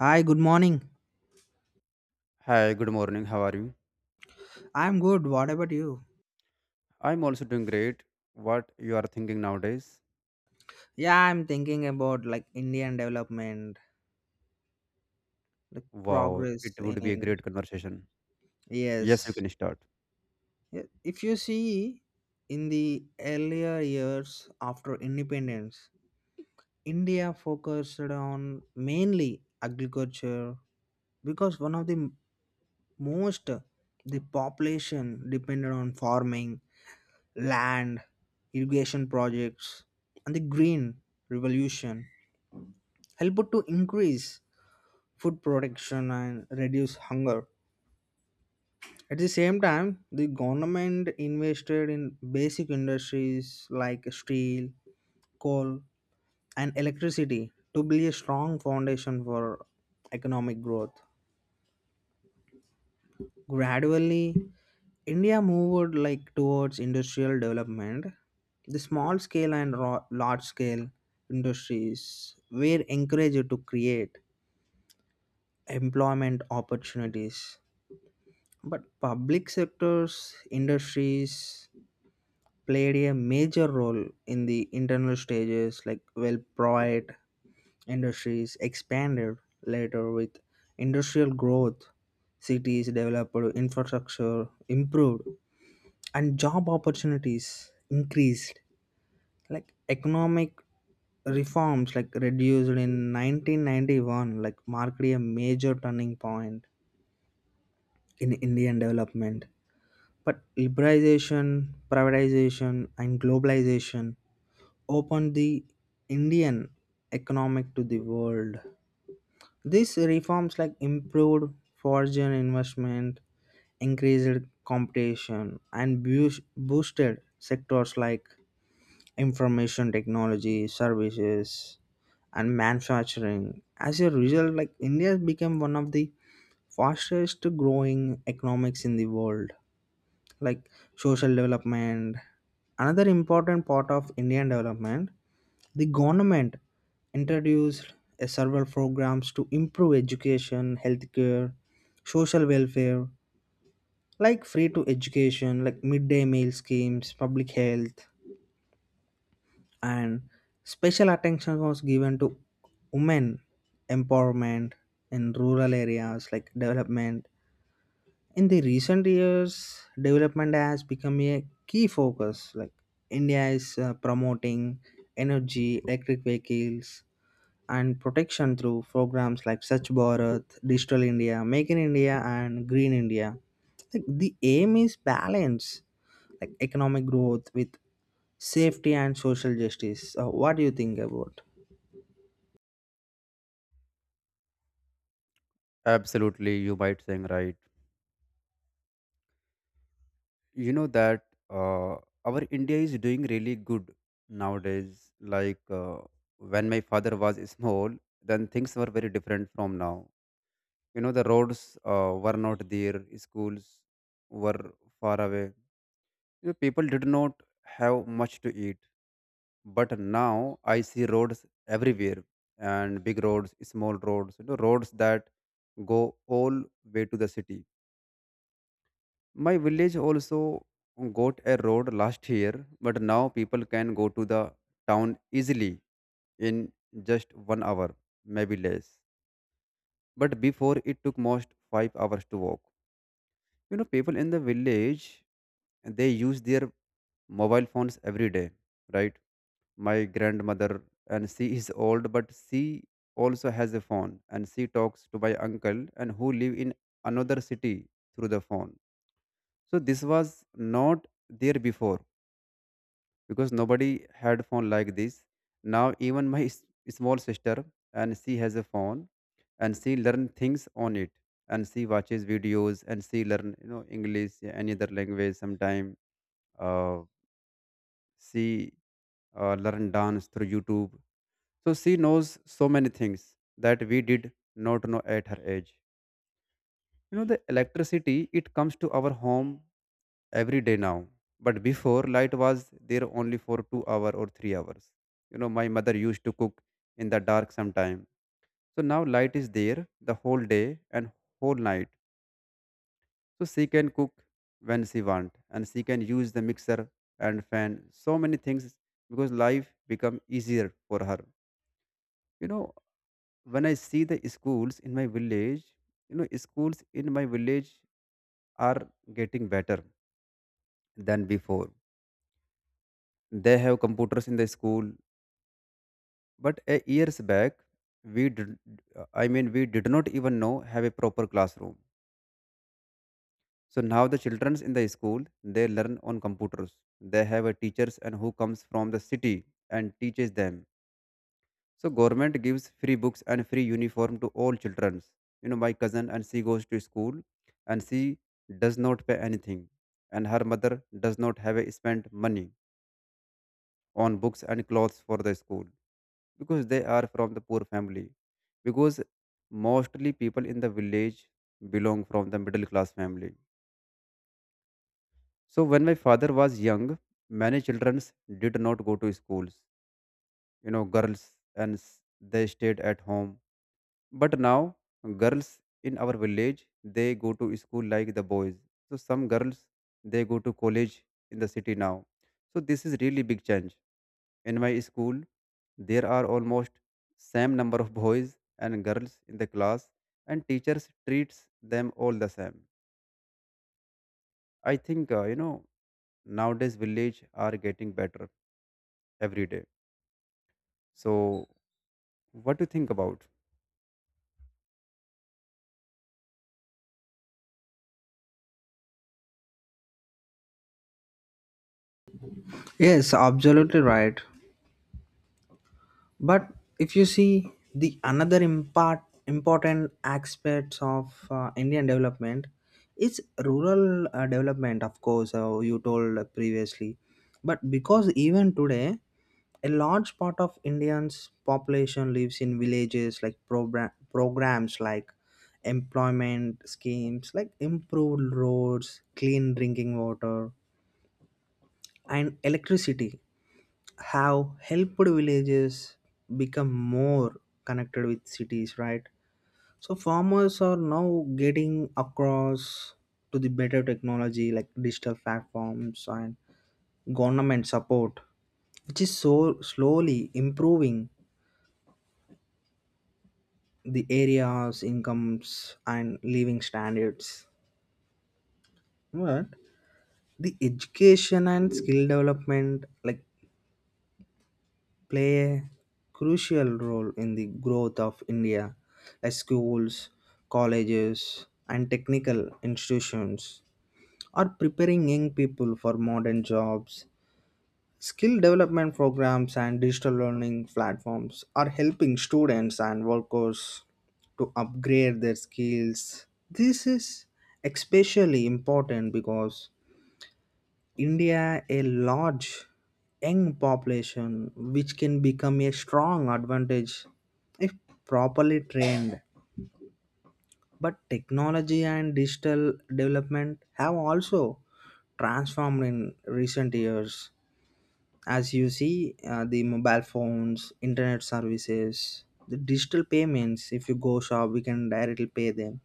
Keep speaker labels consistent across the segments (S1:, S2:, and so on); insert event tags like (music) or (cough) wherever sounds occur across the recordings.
S1: Hi, good morning.
S2: Hi, good morning. How are you?
S1: I'm good. What about you?
S2: I'm also doing great. What you are thinking nowadays?
S1: Yeah, I'm thinking about like Indian development, like
S2: Wow,
S1: progress
S2: it
S1: in,
S2: would be a
S1: in
S2: great conversation. Yes, you
S1: yes.
S2: can start.
S1: Yeah, if you see in the earlier years after independence, India focused on mainly agriculture because one of the most the population depended on farming, land, irrigation projects, and the green revolution helped to increase food production and reduce hunger. At the same time, the government invested in basic industries like steel, coal, and electricity to build a strong foundation for economic growth. Gradually, India moved like towards industrial development. The small scale and large scale industries were encouraged to create employment opportunities. But public sectors, industries played a major role in the internal stages, like well, private industries expanded later with industrial growth, cities developed, infrastructure improved, and job opportunities increased. Like economic reforms, like reduced in 1991, like marked a major turning point in Indian development. But liberalization, privatization, and globalization opened the Indian economic to the world. These reforms like improved foreign investment, increased competition, and boosted sectors like information technology, services, and manufacturing. As a result, like India became one of the fastest growing economics in the world. Like social development. Another important part of Indian development, the government introduced a several programs to improve education, healthcare, social welfare, like free to education, like midday meal schemes, public health, and special attention was given to women empowerment in rural areas like development in the recent years development has become a key focus like india is promoting energy electric vehicles and protection through programs like Swachh Bharat, Digital India, Make in India, and Green India. Like the aim is balance, like economic growth with safety and social justice. What do you think about?
S2: Absolutely, you might saying right. You know that our India is doing really good nowadays. When my father was small, then things were very different from now. You know, the roads were not there, schools were far away. You know, people did not have much to eat, but now I see roads everywhere, and big roads, small roads, you know, roads that go all way to the city. My village also got a road last year, but now people can go to the town easily in just 1 hour, maybe less, but before it took most 5 hours to walk. You know, people in the village, they use their mobile phones every day, right? My grandmother, and she is old, but she also has a phone, and she talks to my uncle and who live in another city through the phone. So this was not there before, because nobody had phone like this. Now even my small sister, and she has a phone, and she learn things on it, and she watches videos, and she learn, you know, english, yeah, any other language sometime. uh, she learn dance through youtube. So she knows so many things that we did not know at her age. You know, the electricity, it comes to our home every day now. But before, light was there only for 2 hours or 3 hours. You know, my mother used to cook in the dark sometime. So now light is there the whole day and whole night. So she can cook when she want, and she can use the mixer and fan, so many things, because life become easier for her. You know, when I see the schools in my village, you know, schools in my village are getting better than before. They have computers in the school, but a years back, we did, I mean, we did not even know have a proper classroom. So now the childrens in the school, they learn on computers. They have a teachers and who comes from the city and teaches them. So government gives free books and free uniform to all children. You know, my cousin, and she goes to school, and she does not pay anything. And her mother does not have a spent money on books and clothes for the school, because they are from the poor family. Because mostly people in the village belong from the middle class family. So when my father was young, many children did not go to schools. You know, girls and they stayed at home. But now, girls in our village, they go to school like the boys. So some girls, they go to college in the city now. So this is really big change. In my school, there are almost same number of boys and girls in the class, and teachers treats them all the same. I think you know, nowadays village are getting better every day. So what do you think about?
S1: Yes, absolutely right. But if you see the another important aspects of indian development is rural development. Of course you told previously, but because even today a large part of indians population lives in villages like programs like employment schemes like improved roads, clean drinking water, and electricity have helped villages become more connected with cities, right? So farmers are now getting across to the better technology like digital platforms and government support, which is so slowly improving the area's incomes and living standards. But the education and skill development like play a crucial role in the growth of India, as schools, colleges, and technical institutions are preparing young people for modern jobs. Skill development programs and digital learning platforms are helping students and workers to upgrade their skills. This is especially important because India a large young population which can become a strong advantage if properly trained. But technology and digital development have also transformed in recent years. As you see, the mobile phones, internet services, the digital payments, if you go shop, we can directly pay them.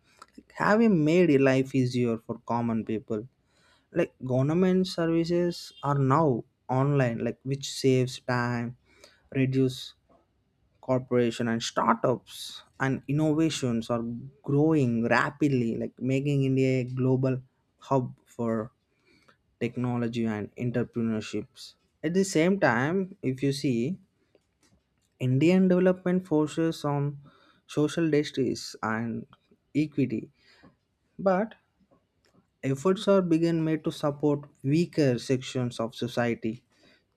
S1: Have you made your life easier for common people? Like government services are now online like which saves time, reduce corporation, and startups and innovations are growing rapidly like making india a global hub for technology and entrepreneurships. At the same time, if you see indian development forces on social justice and equity. But efforts are being made to support weaker sections of society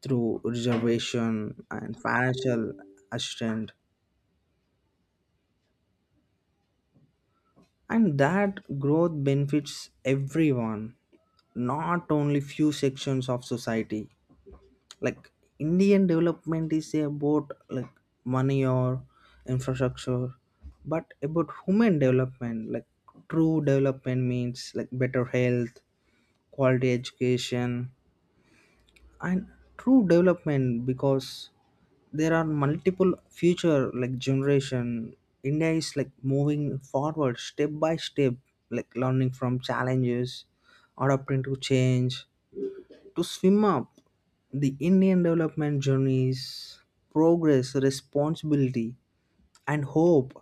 S1: through reservation and financial assistance, and that growth benefits everyone, not only few sections of society. Like Indian development is about like money or infrastructure, but about human development. Like true development means like better health, quality education, and true development because there are multiple future like generation. India is like moving forward step by step, like learning from challenges, adapting to change, to swim up the indian development journeys, progress, responsibility, and hope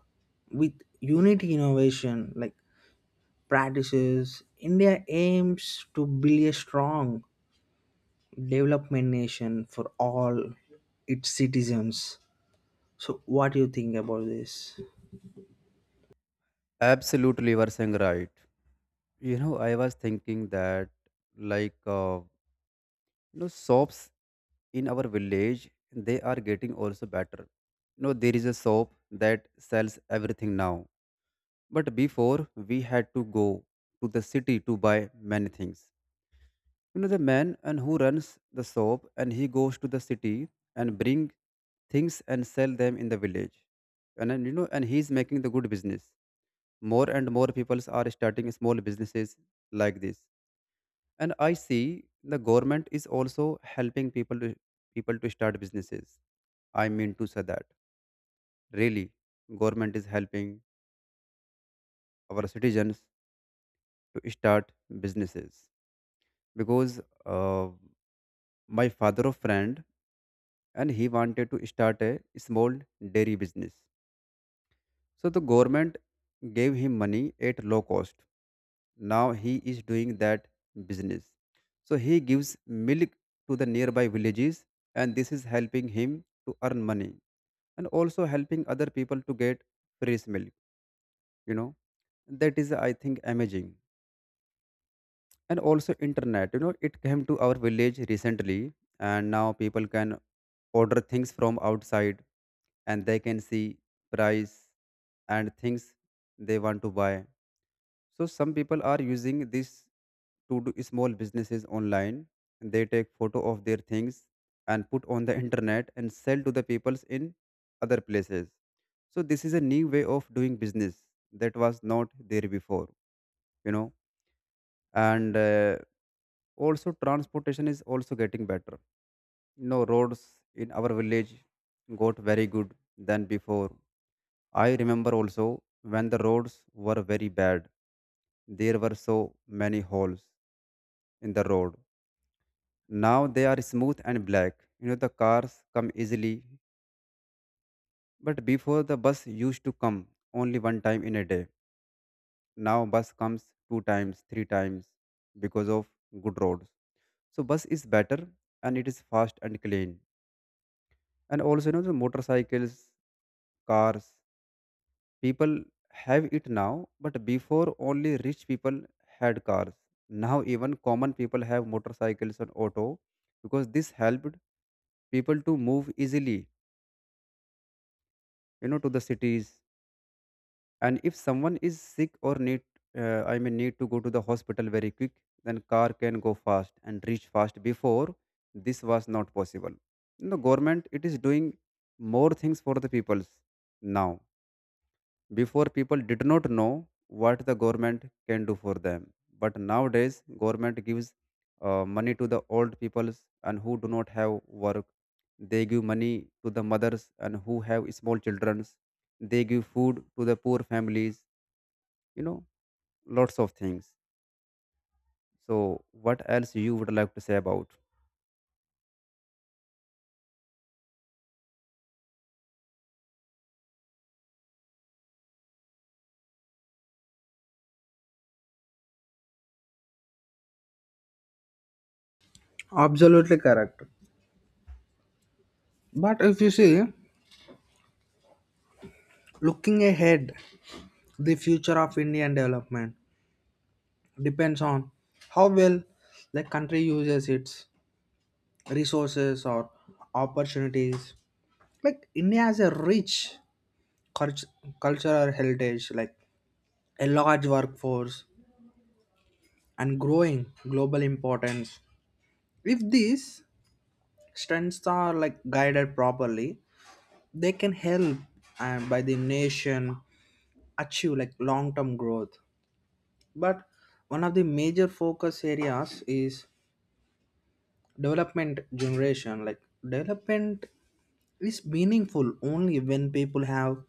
S1: with unity, innovation, like practices. India aims to build a strong development nation for all its citizens. So, what do you think about this?
S2: Absolutely, you are saying right. You know, I was thinking that, like, uh, you know, shops in our village, they are getting also better. You know, there is a shop that sells everything now. But before, we had to go to the city to buy many things. You know, the man and who runs the shop, and he goes to the city and bring things and sell them in the village. And then, you know, and he's making the good business. More and more people are starting small businesses like this, and I see the government is also helping people to start businesses. I mean to say that really government is helping our citizens to start businesses. Because uh, my father of friend, and he wanted to start a small dairy business. So the government gave him money at low cost. Now he is doing that business. So he gives milk to the nearby villages, and this is helping him to earn money and also helping other people to get fresh milk. You know, that is, I think, amazing. And also, internet, you know, it came to our village recently, and now people can order things from outside, and they can see price and things they want to buy. So some people are using this to do small businesses online. They take photo of their things and put on the (laughs) internet and sell to the peoples in other places. So this is a new way of doing business that was not there before, you know. And also transportation is also getting better. You know, roads in our village got very good than before. I remember also when the roads were very bad, there were so many holes in the road. Now they are smooth and black. You know, the cars come easily. But before, the bus used to come only one time in a day. Now bus comes two times, three times, because of good roads. So bus is better, and it is fast and clean. And also, you know, the motorcycles, cars, people have it now, but before only rich people had cars. Now even common people have motorcycles and auto, because this helped people to move easily, you know, to the cities. And if someone is sick or need I mean need to go to the hospital very quick, then car can go fast and reach fast. Before this was not possible. The government, it is doing more things for the peoples now. Before people did not know what the government can do for them, but nowadays government gives money to the old peoples and who do not have work. They give money to the mothers and who have small childrens. They give food to the poor families. You know, lots of things. So, what else you would like to say about?
S1: Absolutely correct. But if you see, looking ahead, the future of Indian development depends on how well the country uses its resources or opportunities. Like India has a rich cult- cultural heritage, like a large workforce and growing global importance. If these strengths are like guided properly, they can help and by the nation achieve like long-term growth. But one of the major focus areas is development generation, like development is meaningful only when people have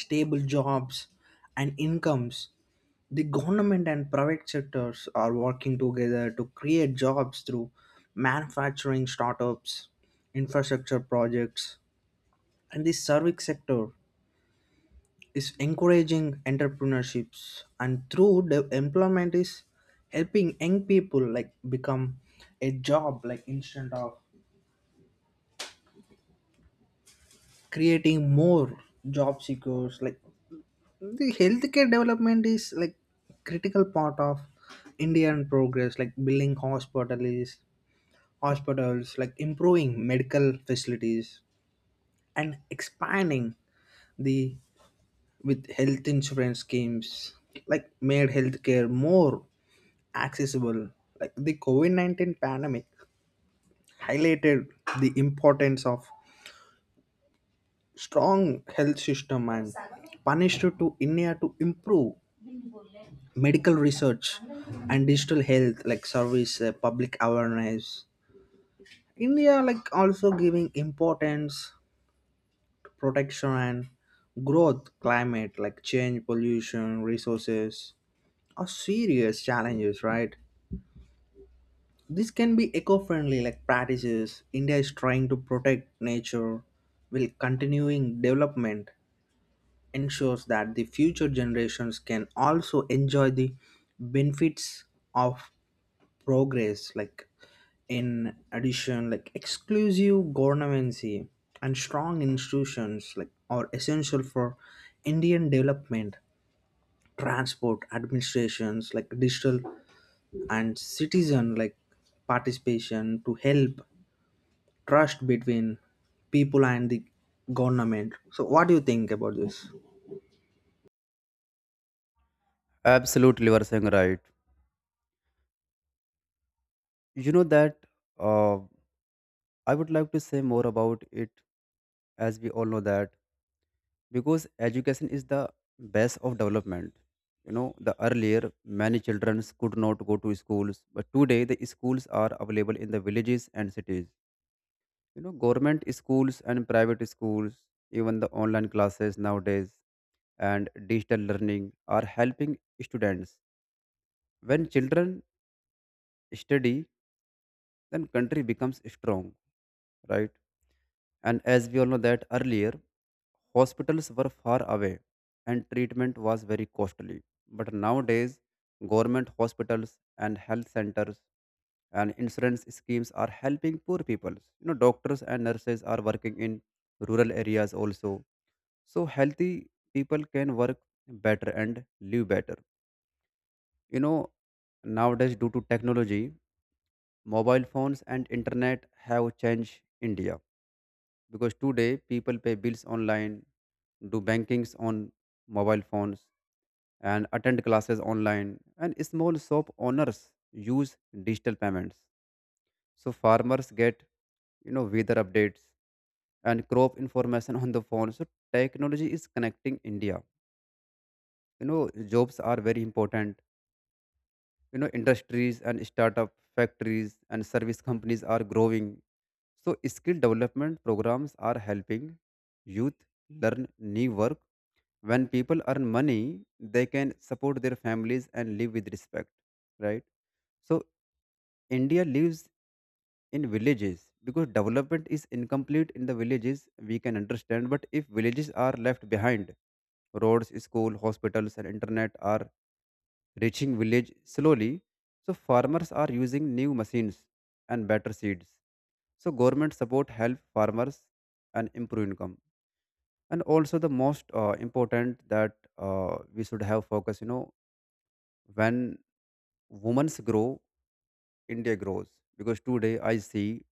S1: stable jobs and incomes. The government and private sectors are working together to create jobs through manufacturing, startups, infrastructure projects, and the service sector is encouraging entrepreneurships, and through the employment is helping young people like become a job, like instead of creating more job seekers. Like the healthcare development is like critical part of indian progress, like building hospitals, like improving medical facilities and expanding the with health insurance schemes, like made healthcare more accessible. Like the covid-19 pandemic highlighted the importance of strong health system and punished to india to improve medical research and digital health like service. Public awareness, india like also giving importance to protection and growth. Climate like change, pollution, resources are serious challenges, right? This can be eco-friendly like practices. India is trying to protect nature while continuing development ensures that the future generations can also enjoy the benefits of progress, like in addition, like exclusive governance and strong institutions like are essential for indian development. Transport administrations like digital and citizen like participation to help trust between people and the government. So, what do you think about this?
S2: Absolutely, you are saying right. You know that uh, I would like to say more about it, as we all know that. Because education is the base of development. You know, the earlier many children could not go to schools, but today the schools are available in the villages and cities. You know, government schools and private schools, even the online classes nowadays and digital learning are helping students. When children study, then country becomes strong, right? And as we all know that earlier hospitals were far away and treatment was very costly, but nowadays government hospitals and health centers and insurance schemes are helping poor people. You know, doctors and nurses are working in rural areas also. So healthy people can work better and live better. You know, nowadays due to technology, mobile phones and internet have changed India, because today people pay bills online, do bankings on mobile phones, and attend classes online. And small shop owners use digital payments. So farmers get, you know, weather updates and crop information on the phone. So technology is connecting India. You know, jobs are very important. You know, industries and startup factories and service companies are growing. So skill development programs are helping youth learn new work. When people earn money, they can support their families and live with respect, right? So India lives in villages, because development is incomplete in the villages, we can understand, but if villages are left behind, roads, school, hospitals and internet are reaching village slowly. So farmers are using new machines and better seeds. So government support help farmers and improve income. And also the most important that we should have focus, you know, when women's grow, India grows. Because today I see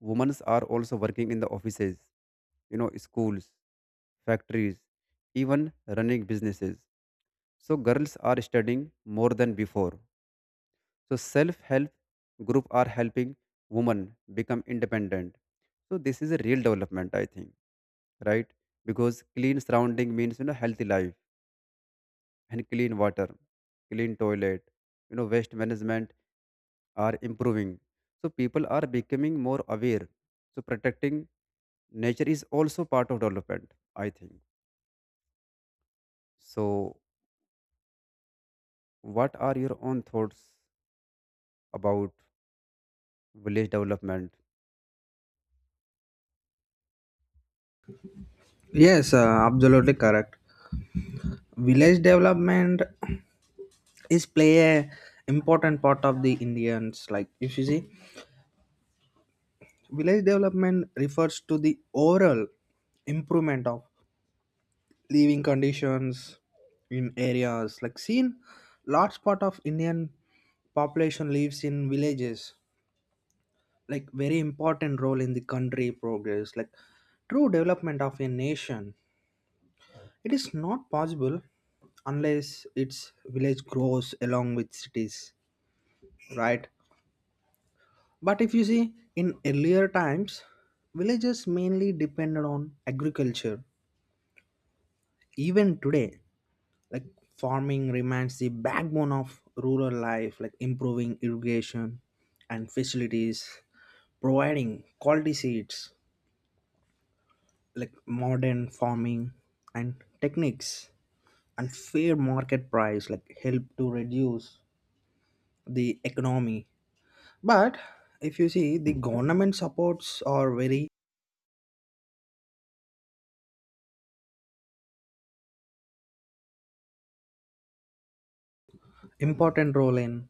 S2: women's are also working in the offices, you know, schools, factories, even running businesses. So girls are studying more than before. So self help group are helping women become independent. So this is a real development, I think, right? Because clean surrounding means, you know, healthy life. And clean water, clean toilet, you know, waste management are improving. So people are becoming more aware. So protecting nature is also part of development, I think. So what are your own thoughts about village development?
S1: Yes, absolutely correct. Village development is play a important part of the Indians. Like if you see, village development refers to the overall improvement of living conditions in areas. Like seen, large part of Indian population lives in villages like very important role in the country progress, like true development of a nation, it is not possible unless its village grows along with cities, right? But if you see in earlier times villages mainly depended on agriculture. Even today, like farming remains the backbone of rural life, like improving irrigation and facilities, providing quality seeds, like modern farming and techniques and fair market price, like help to reduce the economy. But if you see the government supports are very important role in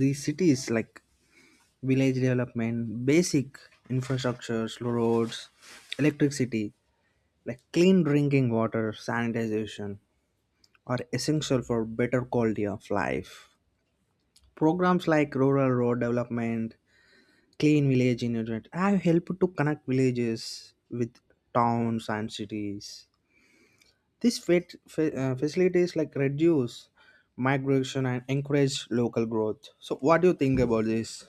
S1: the cities, like village development, basic infrastructures, roads, electricity, like clean drinking water, sanitization, are essential for better quality of life. Programs like rural road development, clean village internet I have helped to connect villages with towns and cities. This facilities like reduce migration and encourage local growth. So, what do you think about this?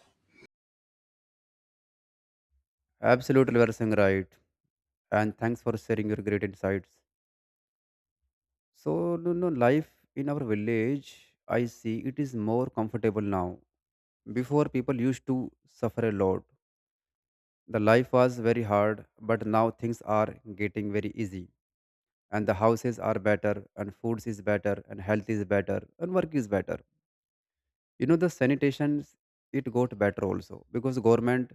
S2: Absolutely, you are saying right. And thanks for sharing your great insights. So, no, no, life in our village, I see it is more comfortable now. Before, people used to suffer a lot. The life was very hard, but now things are getting very easy. And the houses are better, and foods is better, and health is better, and work is better. You know, the sanitation, it got better also because government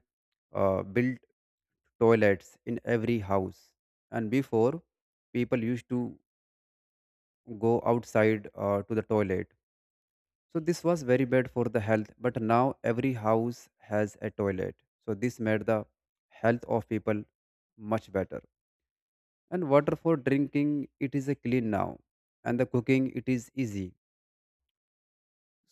S2: built toilets in every house. And before, people used to go outside to the toilet. So this was very bad for the health, but now every house has a toilet. So this made the health of people much better. And water for drinking, it is a clean now. And the cooking, it is easy.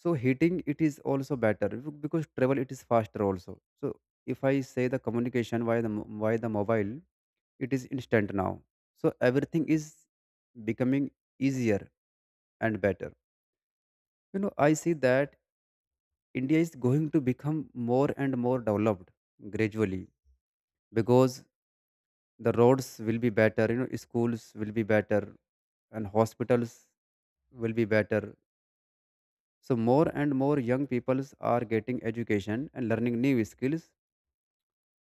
S2: So heating it is also better because travel it is faster also. So if I say the communication via the mobile, it is instant now. So everything is becoming easier and better. You know, I see that India is going to become more and more developed gradually, because the roads will be better, you know, schools will be better, and hospitals will be better. So more and more young peoples are getting education and learning new skills.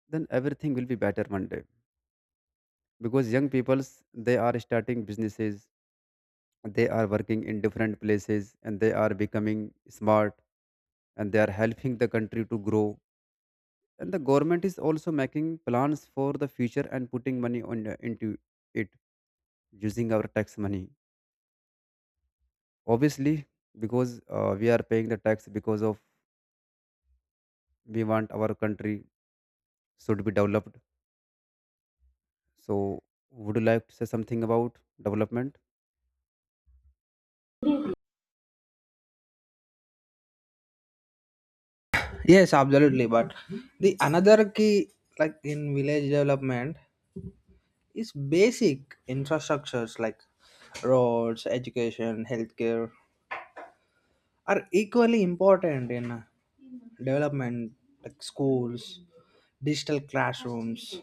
S2: Then everything will be better one day, because young peoples, they are starting businesses, they are working in different places, and they are becoming smart, and they are helping the country to grow. And the government is also making plans for the future and putting money on into it, using our tax money, obviously, because we are paying the tax because of we want our country should be developed. So would you like to say something about development?
S1: Yes, absolutely. But the another key, like in village development, is basic infrastructures like roads, education, healthcare are equally important in development, like schools, digital classrooms,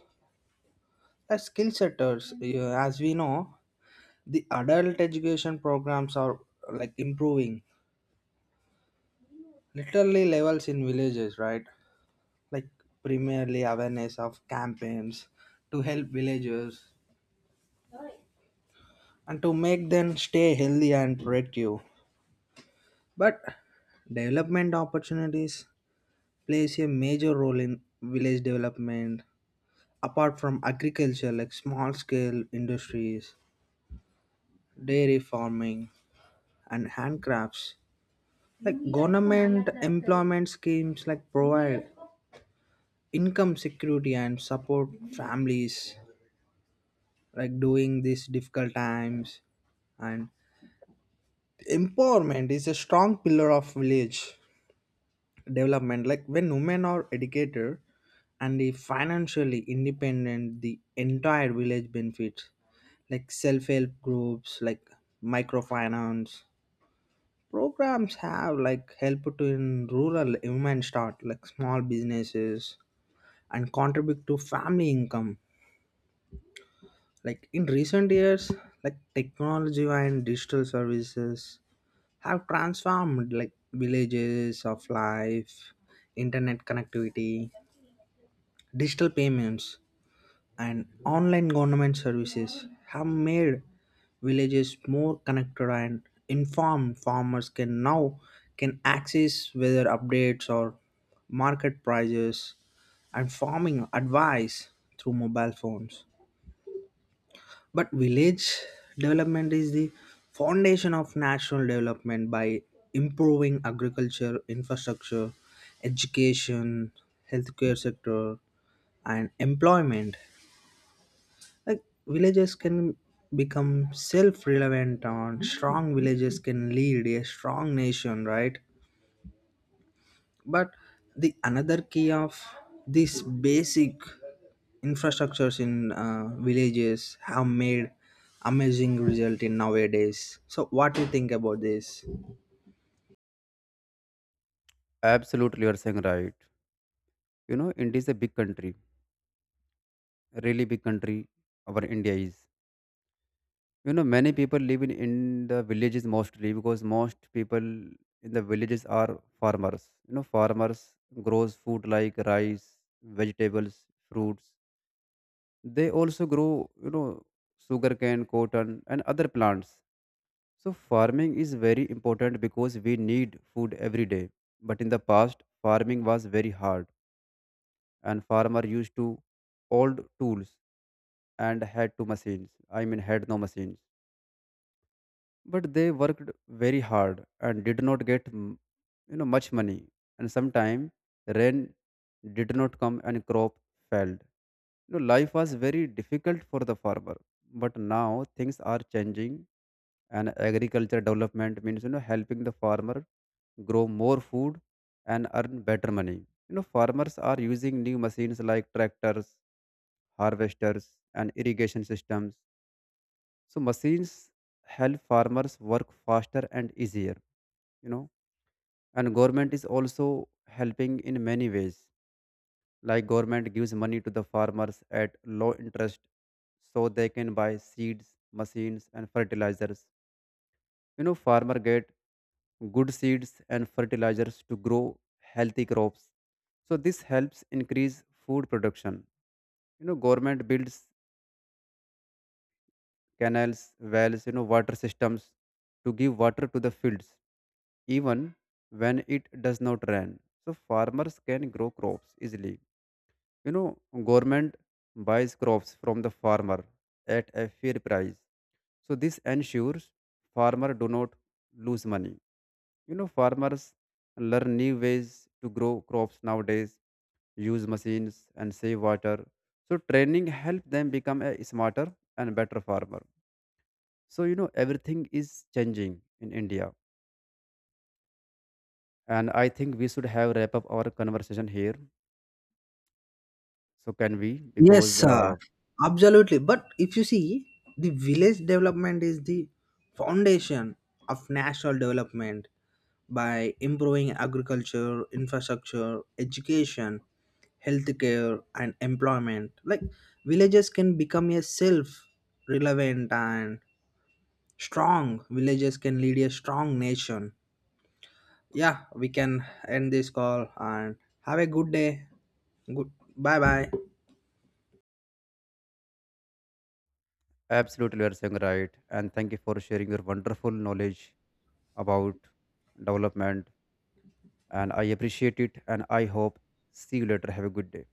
S1: skill setters, as we know the adult education programs are like improving literally levels in villages, right? Like primarily awareness of campaigns to help villagers and to make them stay healthy and productive. But development opportunities plays a major role in village development. Apart from agriculture, like small scale industries, dairy farming, and handcrafts, like government employment schemes like provide income security and support families like during these difficult times. And empowerment is a strong pillar of village development, like when women are educated and they financially independent, the entire village benefits. Like self-help groups, like microfinance programs have like help to in rural women start like small businesses and contribute to family income. Like in recent years, like technology and digital services have transformed like villages of life. Internet connectivity, digital payments, and online government services have made villages more connected and informed. Farmers can now can access weather updates or market prices and farming advice through mobile phones. But village development is the foundation of national development by improving agriculture, infrastructure, education, healthcare sector, and employment. Like villages can become self-relevant and strong villages can lead a strong nation, right? But the another key of these basic infrastructures in villages have made amazing result in nowadays. So what do you think about this?
S2: Absolutely, you are saying right. You know, India is a big country, a really big country. Our India is, you know, many people live in the villages, mostly because most people in the villages are farmers. You know, farmers grows food like rice, vegetables, fruits. They also grow, you know, sugarcane, cotton and other plants. So farming is very important because we need food every day. But in the past farming was very hard, and farmer used to old tools and had two machines. I mean, had no machines. But they worked very hard and did not get you know, much money. And sometime rain did not come and crop failed. You know, life was very difficult for the farmer. But now things are changing, and agriculture development means, you know, helping the farmer grow more food and earn better money. You know, farmers are using new machines like tractors, harvesters and irrigation systems. So machines help farmers work faster and easier. You know, and government is also helping in many ways. Like government gives money to the farmers at low interest, so they can buy seeds, machines and fertilizers. You know, farmer get good seeds and fertilizers to grow healthy crops. So this helps increase food production. You know, government builds canals, wells, you know, water systems to give water to the fields even when it does not rain. So farmers can grow crops easily. You know, government buys crops from the farmer at a fair price. So this ensures farmer do not lose money. You know, farmers learn new ways to grow crops nowadays, use machines and save water. So training helps them become a smarter and better farmer. So you know, everything is changing in India, and I think we should have wrap up our conversation here. So can we?
S1: Yes,
S2: Because
S1: sir. Absolutely. But if you see, the village development is the foundation of national development by improving agriculture, infrastructure, education, healthcare, and employment. Like villages can become a self relevant and strong. Villages can lead a strong nation. Yeah, we can end this call and have a good day. Good. Bye bye.
S2: absolutely you are saying right, and thank you for sharing your wonderful knowledge about development, and I appreciate it, and I hope see you later. Have a good day.